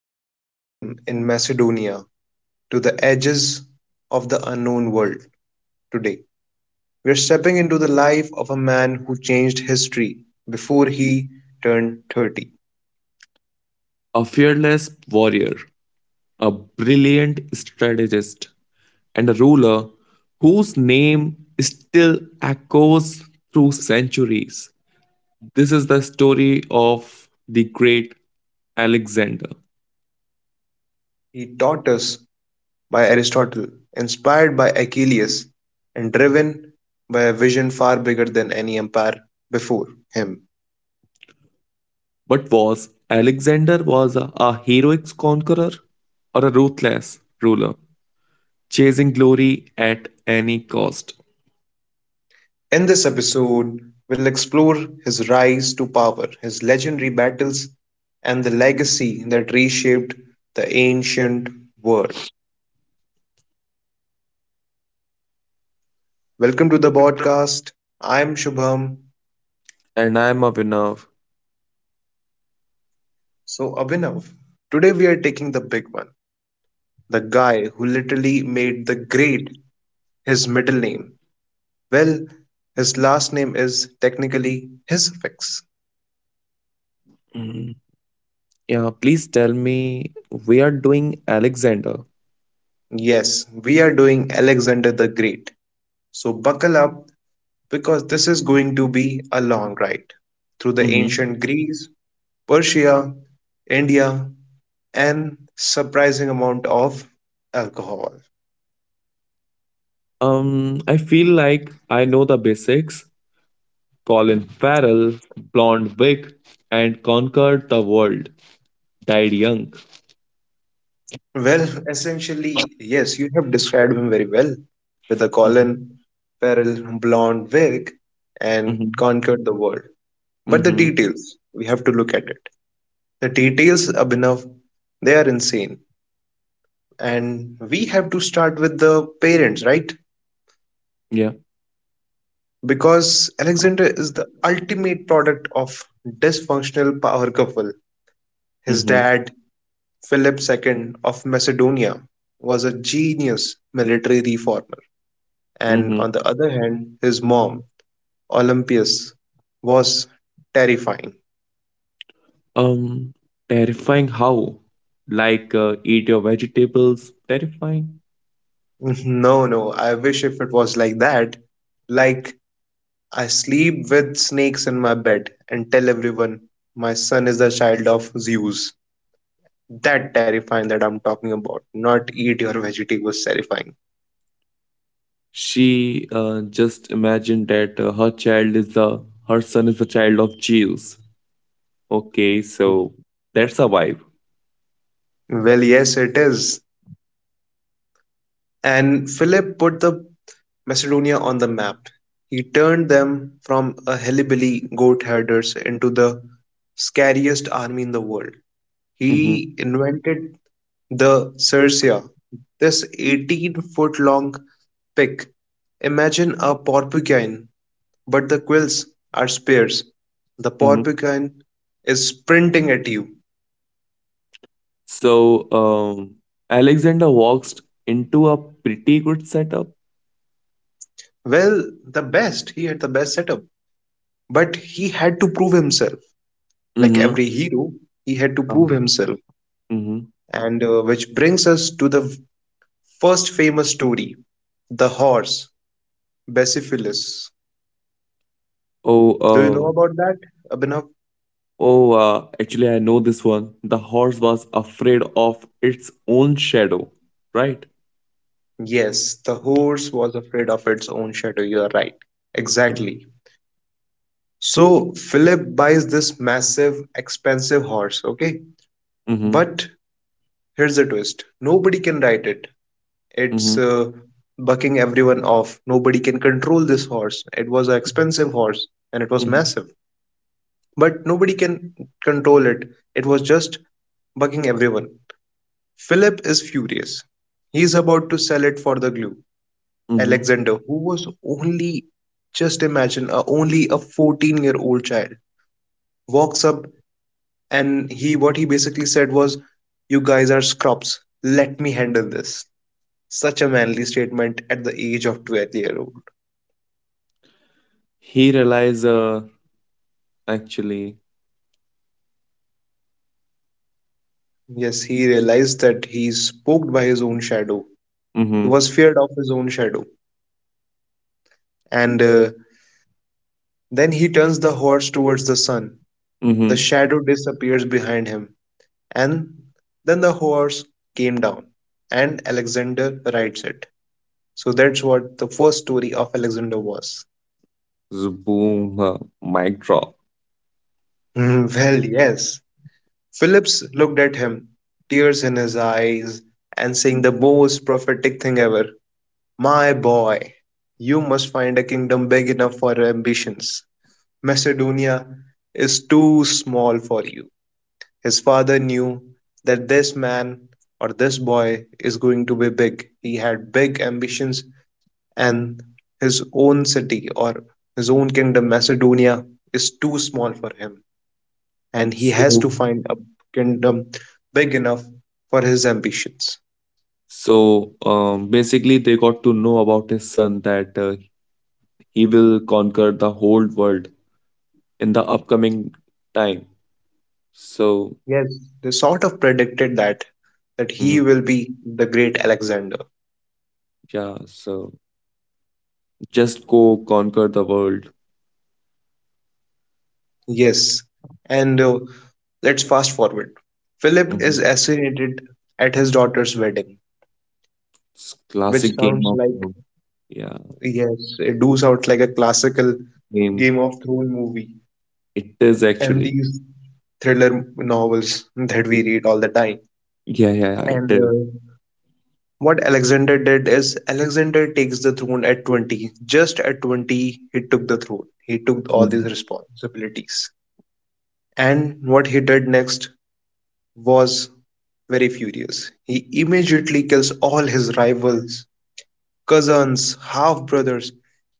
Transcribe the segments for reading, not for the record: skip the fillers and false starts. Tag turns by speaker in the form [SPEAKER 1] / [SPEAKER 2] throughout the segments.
[SPEAKER 1] small kingdom in Macedonia to the edges of the unknown world today, we are stepping into the life of a man who changed history before he turned 30.
[SPEAKER 2] A fearless warrior, a brilliant strategist, and a ruler whose name still echoes through centuries. This is the story of the great Alexander.
[SPEAKER 1] He taught us by Aristotle, inspired by Achilles, and driven by a vision far bigger than any empire before him.
[SPEAKER 2] But was Alexander was a heroic conqueror or a ruthless ruler, chasing glory at any cost?
[SPEAKER 1] In this episode, we'll explore his rise to power, his legendary battles, and the legacy that reshaped the ancient world. Welcome to the podcast. I'm Shubham.
[SPEAKER 2] And I'm Abhinav.
[SPEAKER 1] So, Abhinav, today we are taking the big one, the guy who literally made "the Great" his middle name. Well, his last name is technically his suffix.
[SPEAKER 2] Mhm. Yeah, please tell me we are doing Alexander.
[SPEAKER 1] Yes, we are doing Alexander the Great. So, buckle up because this is going to be a long ride through the ancient Greece, Persia, India, and surprising amount of alcohol.
[SPEAKER 2] I feel like I know the basics. Colin Farrell, blonde wig, and conquered the world. Died young.
[SPEAKER 1] Well, essentially, yes, you have described him very well with a
[SPEAKER 2] Mm-hmm.
[SPEAKER 1] Colin Farrell blonde wig and
[SPEAKER 2] Mm-hmm.
[SPEAKER 1] conquered the world. But the
[SPEAKER 2] Mm-hmm.
[SPEAKER 1] details, we have to look at it. The details, Abhinav, they are insane. And we have to start with the parents, right?
[SPEAKER 2] Yeah.
[SPEAKER 1] Because Alexander is the ultimate product of dysfunctional power couple. His
[SPEAKER 2] Mm-hmm.
[SPEAKER 1] dad, Philip II of Macedonia, was a genius military reformer, and
[SPEAKER 2] Mm-hmm.
[SPEAKER 1] on the other hand, his mom, Olympias, was terrifying.
[SPEAKER 2] Um, terrifying how? Like, eat your vegetables, terrifying.
[SPEAKER 1] No, no, I wish if it was like that. Like, I sleep with snakes in my bed and tell everyone my son is the child of Zeus. That terrifying that I'm talking about. Not eat your veggie, was terrifying.
[SPEAKER 2] She just imagined that her son is the child of Jews. Okay, so that's a vibe.
[SPEAKER 1] Well, yes, it is. And Philip put the Macedonia on the map. He turned them from a hillbilly goat herders into the scariest army in the world. He invented the Circia, this 18-foot long pick. Imagine a porcupine, but the quills are spears. The
[SPEAKER 2] Mhm.
[SPEAKER 1] porcupine is sprinting at you.
[SPEAKER 2] So, um, Alexander walks into a pretty good setup.
[SPEAKER 1] Well, the best. He had the best setup, but he had to prove himself. Like
[SPEAKER 2] Mm-hmm.
[SPEAKER 1] every hero, he had to prove himself.
[SPEAKER 2] Mm-hmm.
[SPEAKER 1] And which brings us to the first famous story, the horse, Basiphilus.
[SPEAKER 2] Oh,
[SPEAKER 1] Do you know
[SPEAKER 2] uh,
[SPEAKER 1] about that, Abhinav?
[SPEAKER 2] oh, actually, I know this one. The horse was afraid of its own shadow, right?
[SPEAKER 1] Yes, the horse was afraid of its own shadow. You are right.
[SPEAKER 2] Yeah.
[SPEAKER 1] Exactly. So Philip buys this massive, expensive horse, okay?
[SPEAKER 2] Mm-hmm.
[SPEAKER 1] But here's the twist. Nobody can ride it.
[SPEAKER 2] Mm-hmm.
[SPEAKER 1] It's bucking everyone off. Nobody can control this horse. It was an expensive horse and it was
[SPEAKER 2] Mm-hmm.
[SPEAKER 1] massive, but nobody can control it. It was just bucking everyone. Philip is furious. He is about to sell it for the glue.
[SPEAKER 2] Mm-hmm.
[SPEAKER 1] Alexander, who was only, just imagine, only a 14-year-old child, walks up and he what he basically said was, "You guys are scrubs. Let me handle this." Such a manly statement at the age of 12-year-old.
[SPEAKER 2] He realized, uh, actually,
[SPEAKER 1] Yes, he realized that he's spooked by his own shadow. He
[SPEAKER 2] mm-hmm.
[SPEAKER 1] was feared of his own shadow. And then he turns the horse towards the sun. The
[SPEAKER 2] Mm-hmm.
[SPEAKER 1] shadow disappears behind him. And then the horse came down. And Alexander rides it. So that's what the first story of Alexander was.
[SPEAKER 2] Boom, mic drop.
[SPEAKER 1] Well, yes. Phillips looked at him, tears in his eyes, and saying the most prophetic thing ever. "My boy, you must find a kingdom big enough for your ambitions. Macedonia is too small for you." His father knew that this man or this boy is going to be big. He had big ambitions, and his own city or his own kingdom, Macedonia, is too small for him. And he has to
[SPEAKER 2] So,
[SPEAKER 1] find a kingdom big enough for his ambitions.
[SPEAKER 2] so basically, they got to know about his son that he will conquer the whole world in the upcoming time. So,
[SPEAKER 1] Yes, they sort of predicted that
[SPEAKER 2] mhm,
[SPEAKER 1] he will be the great Alexander.
[SPEAKER 2] yeah, so just go conquer the world.
[SPEAKER 1] Yes, and let's fast forward. Philip is
[SPEAKER 2] Mhm.
[SPEAKER 1] assassinated at his daughter's wedding,
[SPEAKER 2] It's
[SPEAKER 1] which
[SPEAKER 2] classic game
[SPEAKER 1] sounds
[SPEAKER 2] of
[SPEAKER 1] like,
[SPEAKER 2] war. Yeah,
[SPEAKER 1] yes, it do sound like a classical
[SPEAKER 2] game.
[SPEAKER 1] Game of Thrones movie
[SPEAKER 2] It is
[SPEAKER 1] and
[SPEAKER 2] actually.
[SPEAKER 1] these thriller novels that we read all the time.
[SPEAKER 2] Yeah, yeah, yeah, it
[SPEAKER 1] And
[SPEAKER 2] is.
[SPEAKER 1] What Alexander did is Alexander takes the throne at 20. Just at 20, he took the throne. He took all these
[SPEAKER 2] Mhm.
[SPEAKER 1] responsibilities. And what he did next was very furious. He immediately kills all his rivals, cousins, half brothers,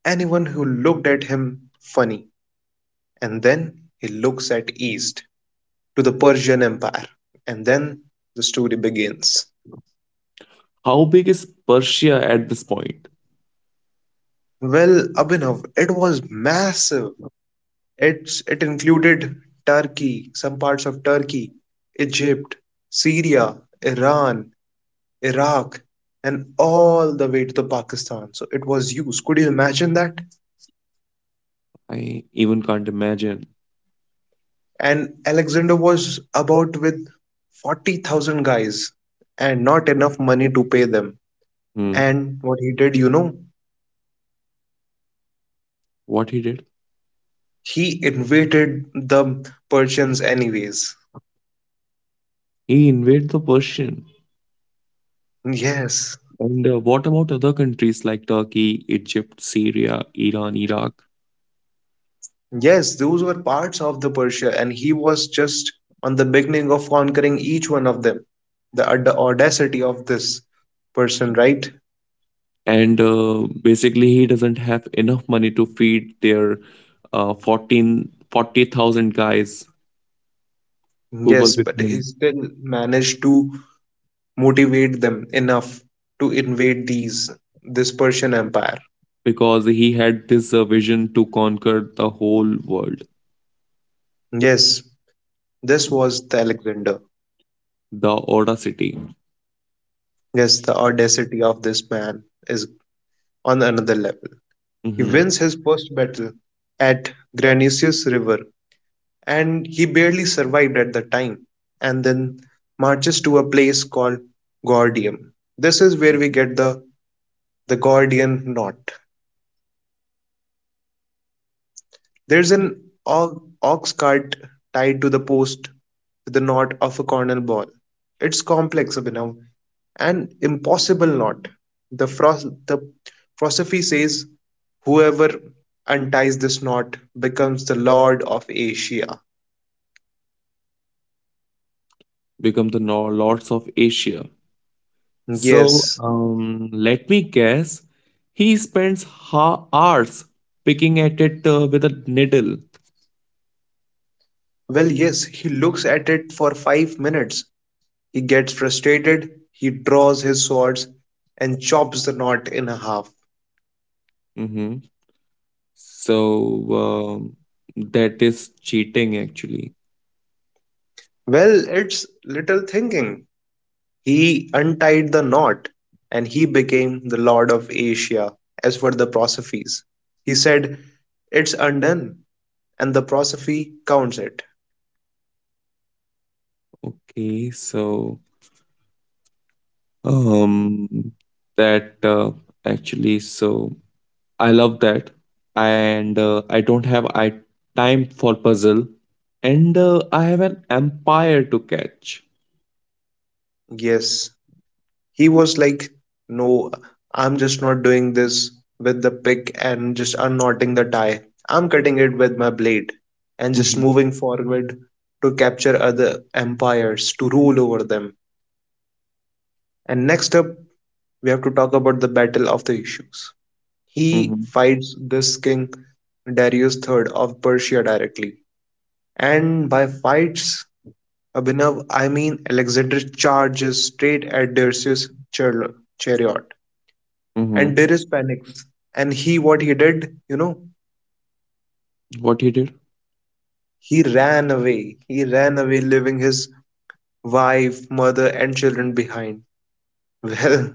[SPEAKER 1] anyone who looked at him funny. And then he looks at east to the Persian Empire. And then the story begins.
[SPEAKER 2] How big is Persia at this point?
[SPEAKER 1] Well, Abhinav, it was massive. It included Turkey, some parts of Turkey, Egypt, Syria, Iran, Iraq, and all the way to the Pakistan. So it was used. Could you imagine that?
[SPEAKER 2] I even can't imagine.
[SPEAKER 1] And Alexander was about with 40,000 guys and not enough money to pay them.
[SPEAKER 2] Hmm.
[SPEAKER 1] And what he did, you know,
[SPEAKER 2] What he did?
[SPEAKER 1] he invaded the Persians anyways.
[SPEAKER 2] He invaded the Persian.
[SPEAKER 1] Yes,
[SPEAKER 2] And what about other countries like Turkey, Egypt, Syria, Iran, Iraq?
[SPEAKER 1] yes, those were parts of the Persia, and he was just on the beginning of conquering each one of them. The audacity of this person, right?
[SPEAKER 2] And basically, he doesn't have enough money to feed their 14 40,000 guys who were
[SPEAKER 1] Yes,
[SPEAKER 2] with
[SPEAKER 1] but he
[SPEAKER 2] him
[SPEAKER 1] still managed to motivate them enough to invade these this Persian empire.
[SPEAKER 2] because he had this vision to conquer the whole world,
[SPEAKER 1] Yes, this was the Alexander.
[SPEAKER 2] the audacity,
[SPEAKER 1] Yes, the audacity of this man is on another level. He
[SPEAKER 2] hmm
[SPEAKER 1] wins his first battle at Granusius River and he barely survived at the time, and then marches to a place called Gordium. This is where we get the Gordian knot. There's an ox cart tied to the post with the knot of a cornel ball. It's complex, Abhinav, an impossible knot. The philosophy says whoever unties this knot becomes the lord of Asia.
[SPEAKER 2] become the lords of Asia. So,
[SPEAKER 1] Yes.
[SPEAKER 2] let me guess, he spends hours picking at it with a needle.
[SPEAKER 1] Well, yes, he looks at it for 5 minutes. He gets frustrated, he draws his swords and chops the knot in half.
[SPEAKER 2] Mm-hmm. So, um, that is cheating actually.
[SPEAKER 1] Well, it's little thinking. He untied the knot and he became the Lord of Asia, as for the Prosophies. He said, "It's undone," and the Prosophy counts it.
[SPEAKER 2] Okay, so um that actually so I love that and I don't have I time for puzzle and I have an empire to catch.
[SPEAKER 1] Yes. He was like, "No, I'm just not doing this with the pick and just unknotting the tie. I'm cutting it with my blade and just
[SPEAKER 2] Mm-hmm.
[SPEAKER 1] moving forward to capture other empires, to rule over them." And next up, we have to talk about the Battle of the Issues. He
[SPEAKER 2] Mm-hmm.
[SPEAKER 1] fights this king, Darius III of Persia, directly. And by fights, Abhinav, I mean Alexander charges straight at Darius' chariot and
[SPEAKER 2] Mm-hmm.
[SPEAKER 1] there is panics. And he, what he did, you know,
[SPEAKER 2] What he did?
[SPEAKER 1] he ran away. He ran away, leaving his wife, mother, and children behind. Well,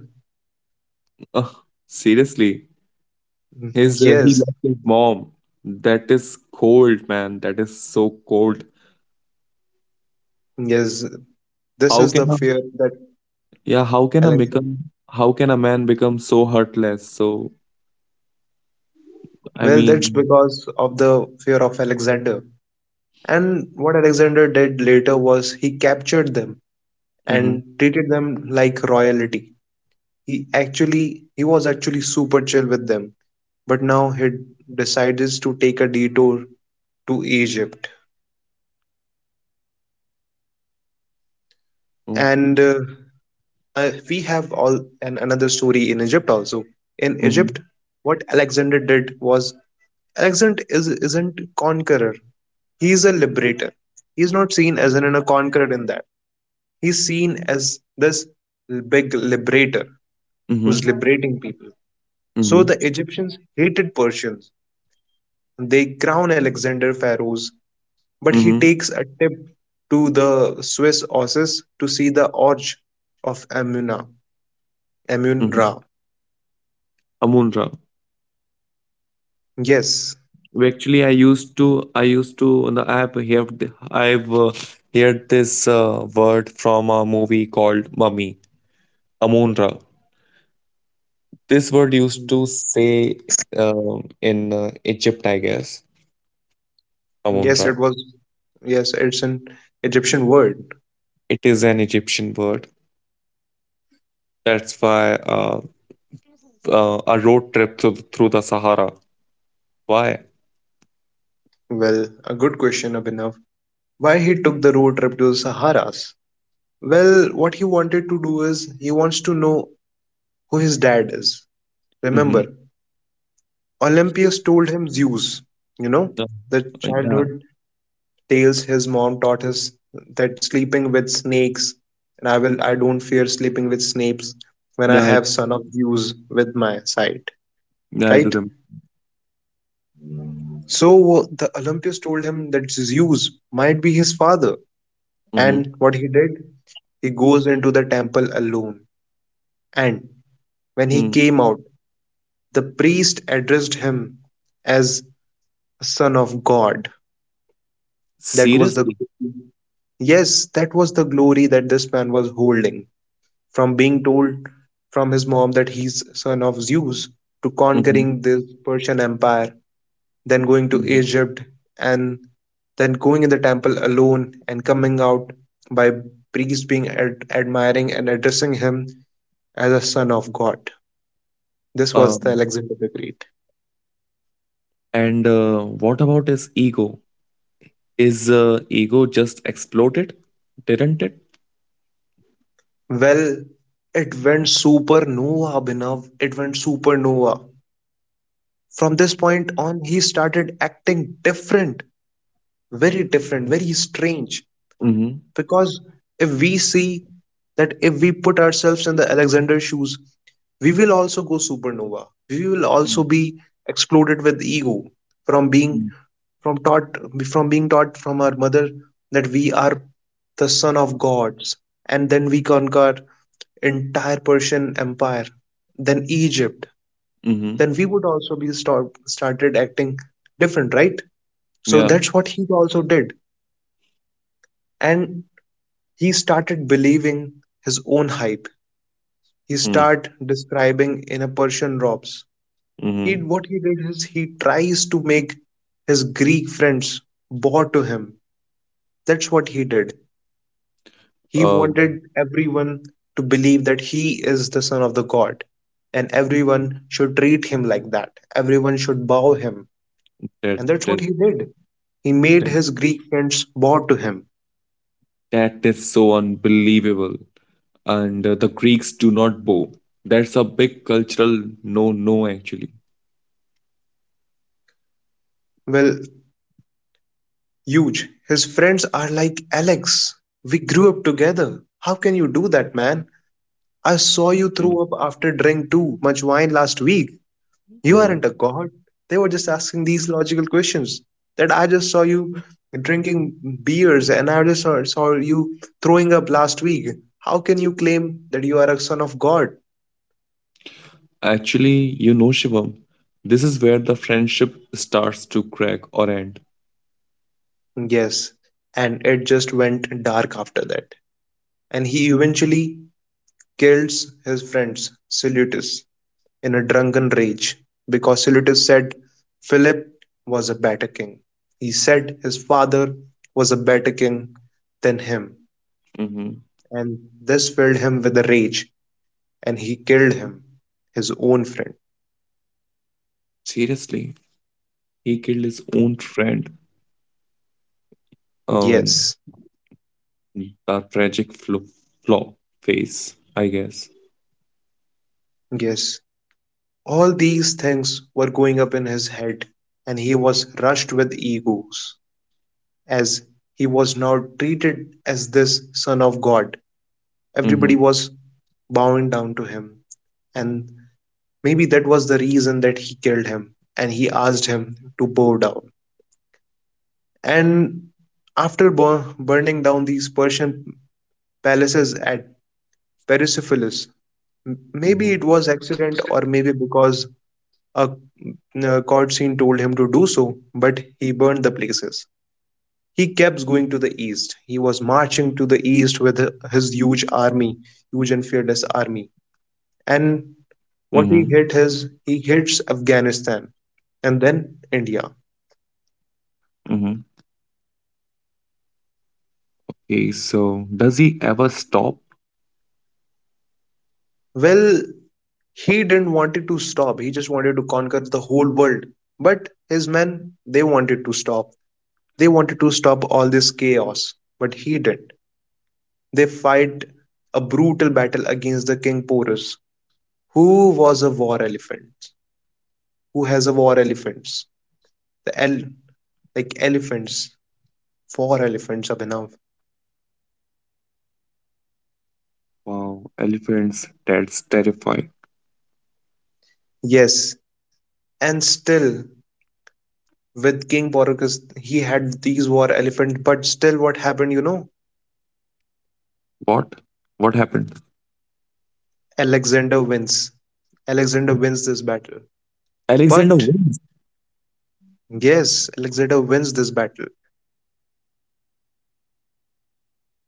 [SPEAKER 2] Ugh, seriously, his he
[SPEAKER 1] yes,
[SPEAKER 2] left his mom. That is cold, man. That is so cold.
[SPEAKER 1] yes, this
[SPEAKER 2] How
[SPEAKER 1] is
[SPEAKER 2] can
[SPEAKER 1] the
[SPEAKER 2] a
[SPEAKER 1] fear that
[SPEAKER 2] Yeah, how can a
[SPEAKER 1] Alexander.
[SPEAKER 2] become how can a man become so heartless? So I
[SPEAKER 1] Well, that's
[SPEAKER 2] mean,
[SPEAKER 1] because of the fear of Alexander. And what Alexander did later was he captured them
[SPEAKER 2] mm-hmm,
[SPEAKER 1] and treated them like royalty. He was actually super chill with them. But now he decides to take a detour to Egypt.
[SPEAKER 2] mm,
[SPEAKER 1] And we have all and another story in Egypt also. In
[SPEAKER 2] mm-hmm,
[SPEAKER 1] Egypt, what Alexander did was Alexander is isn't conqueror. He is a liberator. He is not seen as a conqueror in that. He's seen as this big liberator who's
[SPEAKER 2] mm-hmm,
[SPEAKER 1] liberating people. So
[SPEAKER 2] mm-hmm,
[SPEAKER 1] the Egyptians hated Persians. They crown Alexander pharaohs, but he
[SPEAKER 2] mm-hmm,
[SPEAKER 1] takes a tip to the Swiss horses to see the Orge of Amuna. Amun
[SPEAKER 2] mm-hmm.
[SPEAKER 1] Ra.
[SPEAKER 2] Amunra.
[SPEAKER 1] Yes.
[SPEAKER 2] We Actually, I used to on the app here I've heard this word from a movie called Mummy, Amunra. This word used to say in Egypt, I guess,
[SPEAKER 1] Yes,
[SPEAKER 2] Amunra.
[SPEAKER 1] it was. Yes, it's an Egyptian word.
[SPEAKER 2] It is an Egyptian word. That's why a road trip through the Sahara. Why?
[SPEAKER 1] Well, a good question, Abhinav. Why he took the road trip to the Saharas? Well, what he wanted to do is he wants to know who his dad is.
[SPEAKER 2] Mhm.
[SPEAKER 1] Remember, Olympias told him Zeus. You know,
[SPEAKER 2] Uh,
[SPEAKER 1] the
[SPEAKER 2] yeah.
[SPEAKER 1] childhood tales his mom taught us that sleeping with snakes, and I don't fear sleeping with snakes when I
[SPEAKER 2] Yeah, I
[SPEAKER 1] have son of Zeus with my side,
[SPEAKER 2] yeah, I do
[SPEAKER 1] right?
[SPEAKER 2] remember.
[SPEAKER 1] So the Olympius told him that Zeus might be his father.
[SPEAKER 2] Mhm.
[SPEAKER 1] And what he did, he goes into the temple alone. And when he
[SPEAKER 2] Mm.
[SPEAKER 1] came out, the priest addressed him as a son of God. That was the
[SPEAKER 2] Seriously?
[SPEAKER 1] yes, that was the glory that this man was holding. From being told from his mom that he's son of Zeus to
[SPEAKER 2] Mhm.
[SPEAKER 1] conquering this Persian Empire, then going to
[SPEAKER 2] Mhm.
[SPEAKER 1] Egypt, and then going in the temple alone and coming out by priests being admiring and addressing him as a son of God. This was the
[SPEAKER 2] Um,
[SPEAKER 1] Alexander the Great.
[SPEAKER 2] and, what about his ego? Is ego just exploded, didn't it?
[SPEAKER 1] Well, it went supernova, Abhinav. It went supernova. From this point on, he started acting different, very strange.
[SPEAKER 2] Mhm.
[SPEAKER 1] Because if we see that if we put ourselves in the Alexander shoes, we will also go supernova, we will also
[SPEAKER 2] Mm,
[SPEAKER 1] be exploded with ego, from being
[SPEAKER 2] mm.
[SPEAKER 1] from taught from being taught from our mother that we are the son of gods, and then we conquer entire Persian empire, then Egypt,
[SPEAKER 2] Mhm.
[SPEAKER 1] then we would also be started acting different, right? So
[SPEAKER 2] Yeah.
[SPEAKER 1] that's what he also did. And he started believing his own hype. He
[SPEAKER 2] Mm.
[SPEAKER 1] started describing in a Persian robes. He
[SPEAKER 2] Mhm.
[SPEAKER 1] what he did is he tries to make his Greek friends bow to him. That's what he did. He
[SPEAKER 2] Um,
[SPEAKER 1] wanted everyone to believe that he is the son of the God, and everyone should treat him like that. Everyone should bow him,
[SPEAKER 2] that
[SPEAKER 1] and that's what
[SPEAKER 2] that
[SPEAKER 1] he did, he
[SPEAKER 2] that
[SPEAKER 1] made his Greek friends bow to him.
[SPEAKER 2] that is so unbelievable. And, the Greeks do not bow. That's a big cultural no-no, actually.
[SPEAKER 1] Well, huge. His friends are like, "Alex, we grew up together. How can you do that, man?" I
[SPEAKER 2] Mhm.
[SPEAKER 1] saw you throw up after drink too much wine last week. You
[SPEAKER 2] Mhm.
[SPEAKER 1] aren't a god. They were just asking these logical questions. That I just saw you drinking beers and I just saw you throwing up last week. How can you claim that you are a son of God?
[SPEAKER 2] Actually, you know, Shivam, this is where the friendship starts to crack or end.
[SPEAKER 1] Yes. And it just went dark after that. And he eventually kills his friends, Salutis in a drunken rage because Silius said Philip was a better king. He said his father was a better king than him,
[SPEAKER 2] Hmm.
[SPEAKER 1] and this filled him with a rage, and he killed him, his own friend.
[SPEAKER 2] Seriously, he killed his own friend. Um,
[SPEAKER 1] Yes,
[SPEAKER 2] the tragic flaw face, I guess.
[SPEAKER 1] yes. All these things were going up in his head, and he was rushed with egos, as he was now treated as this son of God. Everybody
[SPEAKER 2] Mm-hmm.
[SPEAKER 1] was bowing down to him, and maybe that was the reason that he killed him and he asked him to bow down. And after burning down these Persian palaces at Persepolis,
[SPEAKER 2] Mm-hmm.
[SPEAKER 1] maybe it was accident or maybe because a, a court scene told him to do so, but he burned the places. He kept going to the east. He was marching to the east with his huge army, huge and fearless army.
[SPEAKER 2] Mm-hmm.
[SPEAKER 1] And what he hit is he hits Afghanistan and then India.
[SPEAKER 2] Mm-hmm. Okay, so does he ever stop?
[SPEAKER 1] Well, he didn't wanted to stop. He just wanted to conquer the whole world. But his men, they wanted to stop. They wanted to stop all this chaos, but he didn't. They fight a brutal battle against the King Porus, who was a war elephant, who has a war elephants. The el like elephants, four elephants, Abhinav.
[SPEAKER 2] Wow, elephants, that's terrifying.
[SPEAKER 1] Yes, and still with King Porus, he had these war elephants. But still, what happened?
[SPEAKER 2] What? What happened?
[SPEAKER 1] Alexander wins. Alexander wins this battle.
[SPEAKER 2] Alexander
[SPEAKER 1] But
[SPEAKER 2] wins.
[SPEAKER 1] yes, Alexander wins this battle.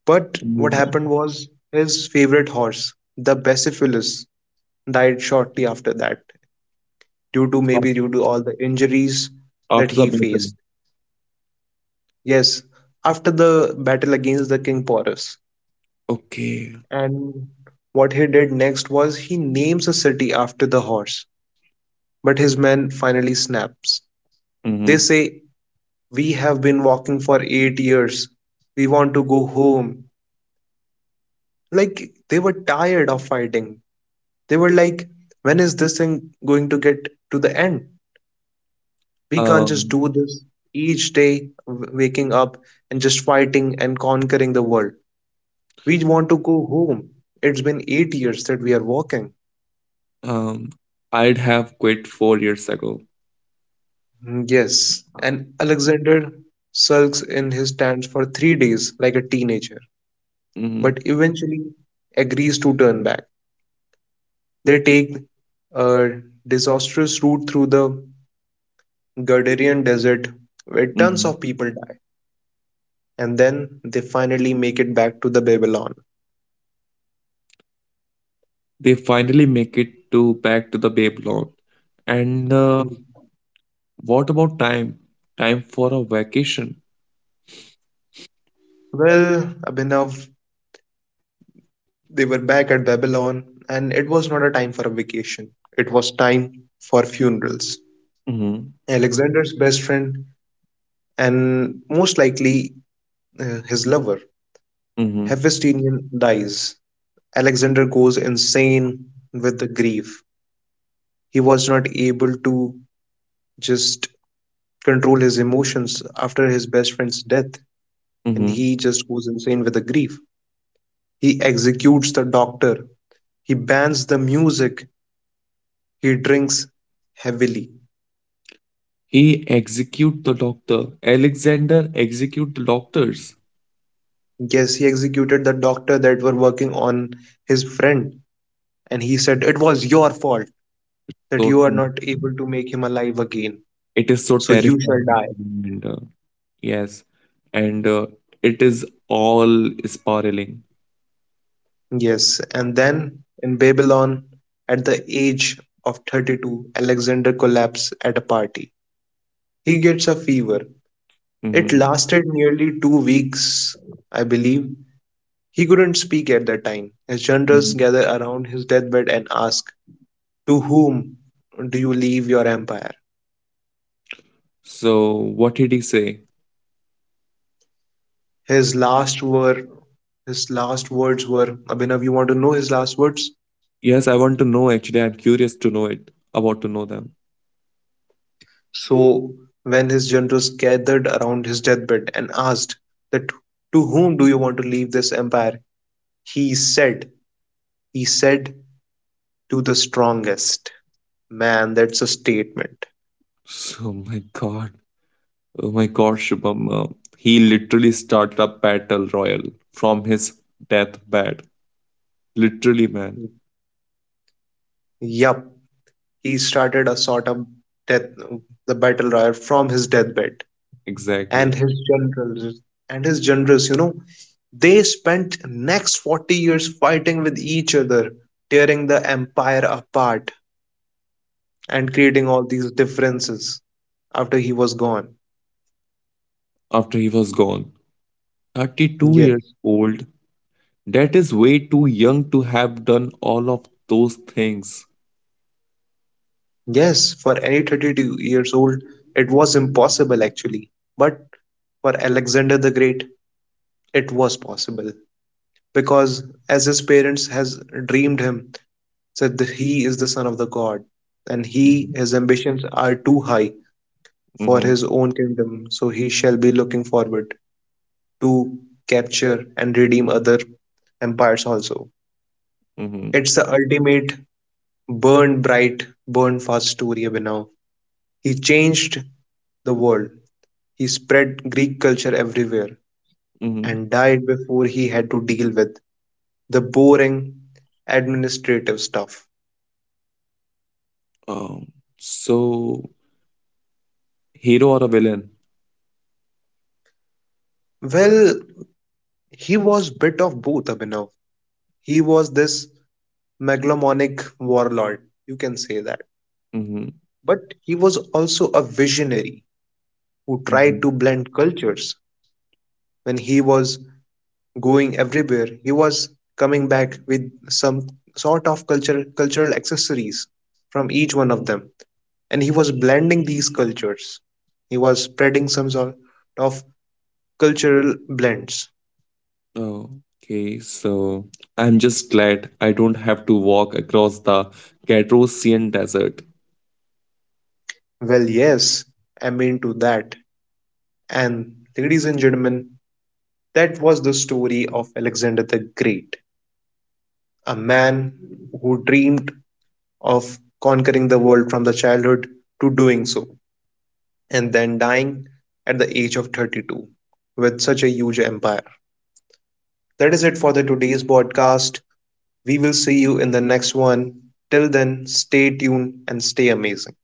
[SPEAKER 1] But what
[SPEAKER 2] Mm,
[SPEAKER 1] happened was his favorite horse, the Bucephalus, died shortly after that due to
[SPEAKER 2] af-
[SPEAKER 1] maybe due to all the injuries that
[SPEAKER 2] after the
[SPEAKER 1] he
[SPEAKER 2] battle.
[SPEAKER 1] faced. Yes, after the battle against the King Porus.
[SPEAKER 2] Okay.
[SPEAKER 1] And what he did next was he names a city after the horse, but his men finally snaps. They
[SPEAKER 2] Mm-hmm.
[SPEAKER 1] say we have been walking for 8 years. We want to go home. Like, they were tired of fighting. They were like, when is this thing going to get to the end? We can't just
[SPEAKER 2] Um,
[SPEAKER 1] do this each day, waking up and just fighting and conquering the world. We want to go home. It's been 8 years that we are walking.
[SPEAKER 2] Um, I'd have quit 4 years ago.
[SPEAKER 1] Mm, yes. And Alexander sulks in his stance for 3 days like a teenager, but
[SPEAKER 2] Mhm,
[SPEAKER 1] eventually agrees to turn back. They take a disastrous route through the Gardarian desert where tons
[SPEAKER 2] mhm.
[SPEAKER 1] of people die, and then they finally make it back to the Babylon.
[SPEAKER 2] They finally make it to back to the Babylon. And what about time? Time for a vacation.
[SPEAKER 1] Well, Abhinav, they were back at Babylon, and it was not a time for a vacation. It was time for funerals.
[SPEAKER 2] Mhm,
[SPEAKER 1] Alexander's best friend, and most likely his lover,
[SPEAKER 2] mhm,
[SPEAKER 1] Hephaestion, dies. Alexander goes insane with the grief. He was not able to just control his emotions after his best friend's death, and
[SPEAKER 2] mhm.
[SPEAKER 1] he just goes insane with the grief. He executes the doctor, he bans the music, he drinks heavily.
[SPEAKER 2] He execute the doctor. Alexander execute the doctors.
[SPEAKER 1] Yes, he executed the doctor that were working on his friend, and he said it was your fault
[SPEAKER 2] So
[SPEAKER 1] that you are
[SPEAKER 2] Mhm.
[SPEAKER 1] not able to make him alive again.
[SPEAKER 2] it is so
[SPEAKER 1] So you shall
[SPEAKER 2] terrifying.
[SPEAKER 1] die.
[SPEAKER 2] And, yes, and it is all spiraling.
[SPEAKER 1] Yes, and then in Babylon, at the age of 32, Alexander collapses at a party. He gets a fever. It
[SPEAKER 2] Mhm.
[SPEAKER 1] lasted nearly 2 weeks, I believe. He couldn't speak at that time, as generals
[SPEAKER 2] Mhm.
[SPEAKER 1] gathered around his deathbed and asked, to whom do you leave your empire?
[SPEAKER 2] So what did he say?
[SPEAKER 1] His last were his last words were, Abhinav, you want to know his last words?
[SPEAKER 2] Yes, I want to know actually. I'm curious to know it, about to know them.
[SPEAKER 1] So when his generals gathered around his deathbed and asked that to whom do you want to leave this empire? He said, he said, to the strongest. Man, that's a statement.
[SPEAKER 2] So, my God. Oh my God, Shubham. He literally started a battle royal from his deathbed. Literally, man.
[SPEAKER 1] Yup, he started a sort of death, the battle royal from his deathbed, and
[SPEAKER 2] Exactly.
[SPEAKER 1] his generals, they spent next 40 years fighting with each other, tearing the empire apart and creating all these differences after he was gone.
[SPEAKER 2] After he was gone. 32 years
[SPEAKER 1] Yes,
[SPEAKER 2] old. That is way too young to have done all of those things.
[SPEAKER 1] yes, for any 32 years old, it was impossible actually. But for Alexander the Great, it was possible because as his parents has dreamed him, said that he is the son of the god, and he
[SPEAKER 2] Mm-hmm.
[SPEAKER 1] his ambitions are too high for his own kingdom, so he shall be looking forward to capture and redeem other empires also.
[SPEAKER 2] Mm-hmm.
[SPEAKER 1] It's the ultimate burn bright, burn fast story, Abhinav. He changed the world. He spread Greek culture everywhere
[SPEAKER 2] Mm-hmm.
[SPEAKER 1] and died before he had to deal with the boring administrative stuff.
[SPEAKER 2] Um, so, hero or a villain?
[SPEAKER 1] Well, he was bit of both, Abhinav. He was this megalomaniac warlord, you can say that.
[SPEAKER 2] Mm-hmm.
[SPEAKER 1] But he was also a visionary who
[SPEAKER 2] Mm-hmm.
[SPEAKER 1] tried to blend cultures. When he was going everywhere, he was coming back with some sort of culture, cultural accessories from each one of them. And he was blending these cultures. He was spreading some sort of cultural blends.
[SPEAKER 2] Oh, okay, so I'm just glad I don't have to walk across the Gadrosian desert.
[SPEAKER 1] Well, yes, I'm into that. And ladies and gentlemen, that was the story of Alexander the Great, a man who dreamed of conquering the world from the childhood to doing so, and then dying at the age of 32 with such a huge empire. That is it for the today's podcast. We will see you in the next one. Till then, stay tuned and stay amazing.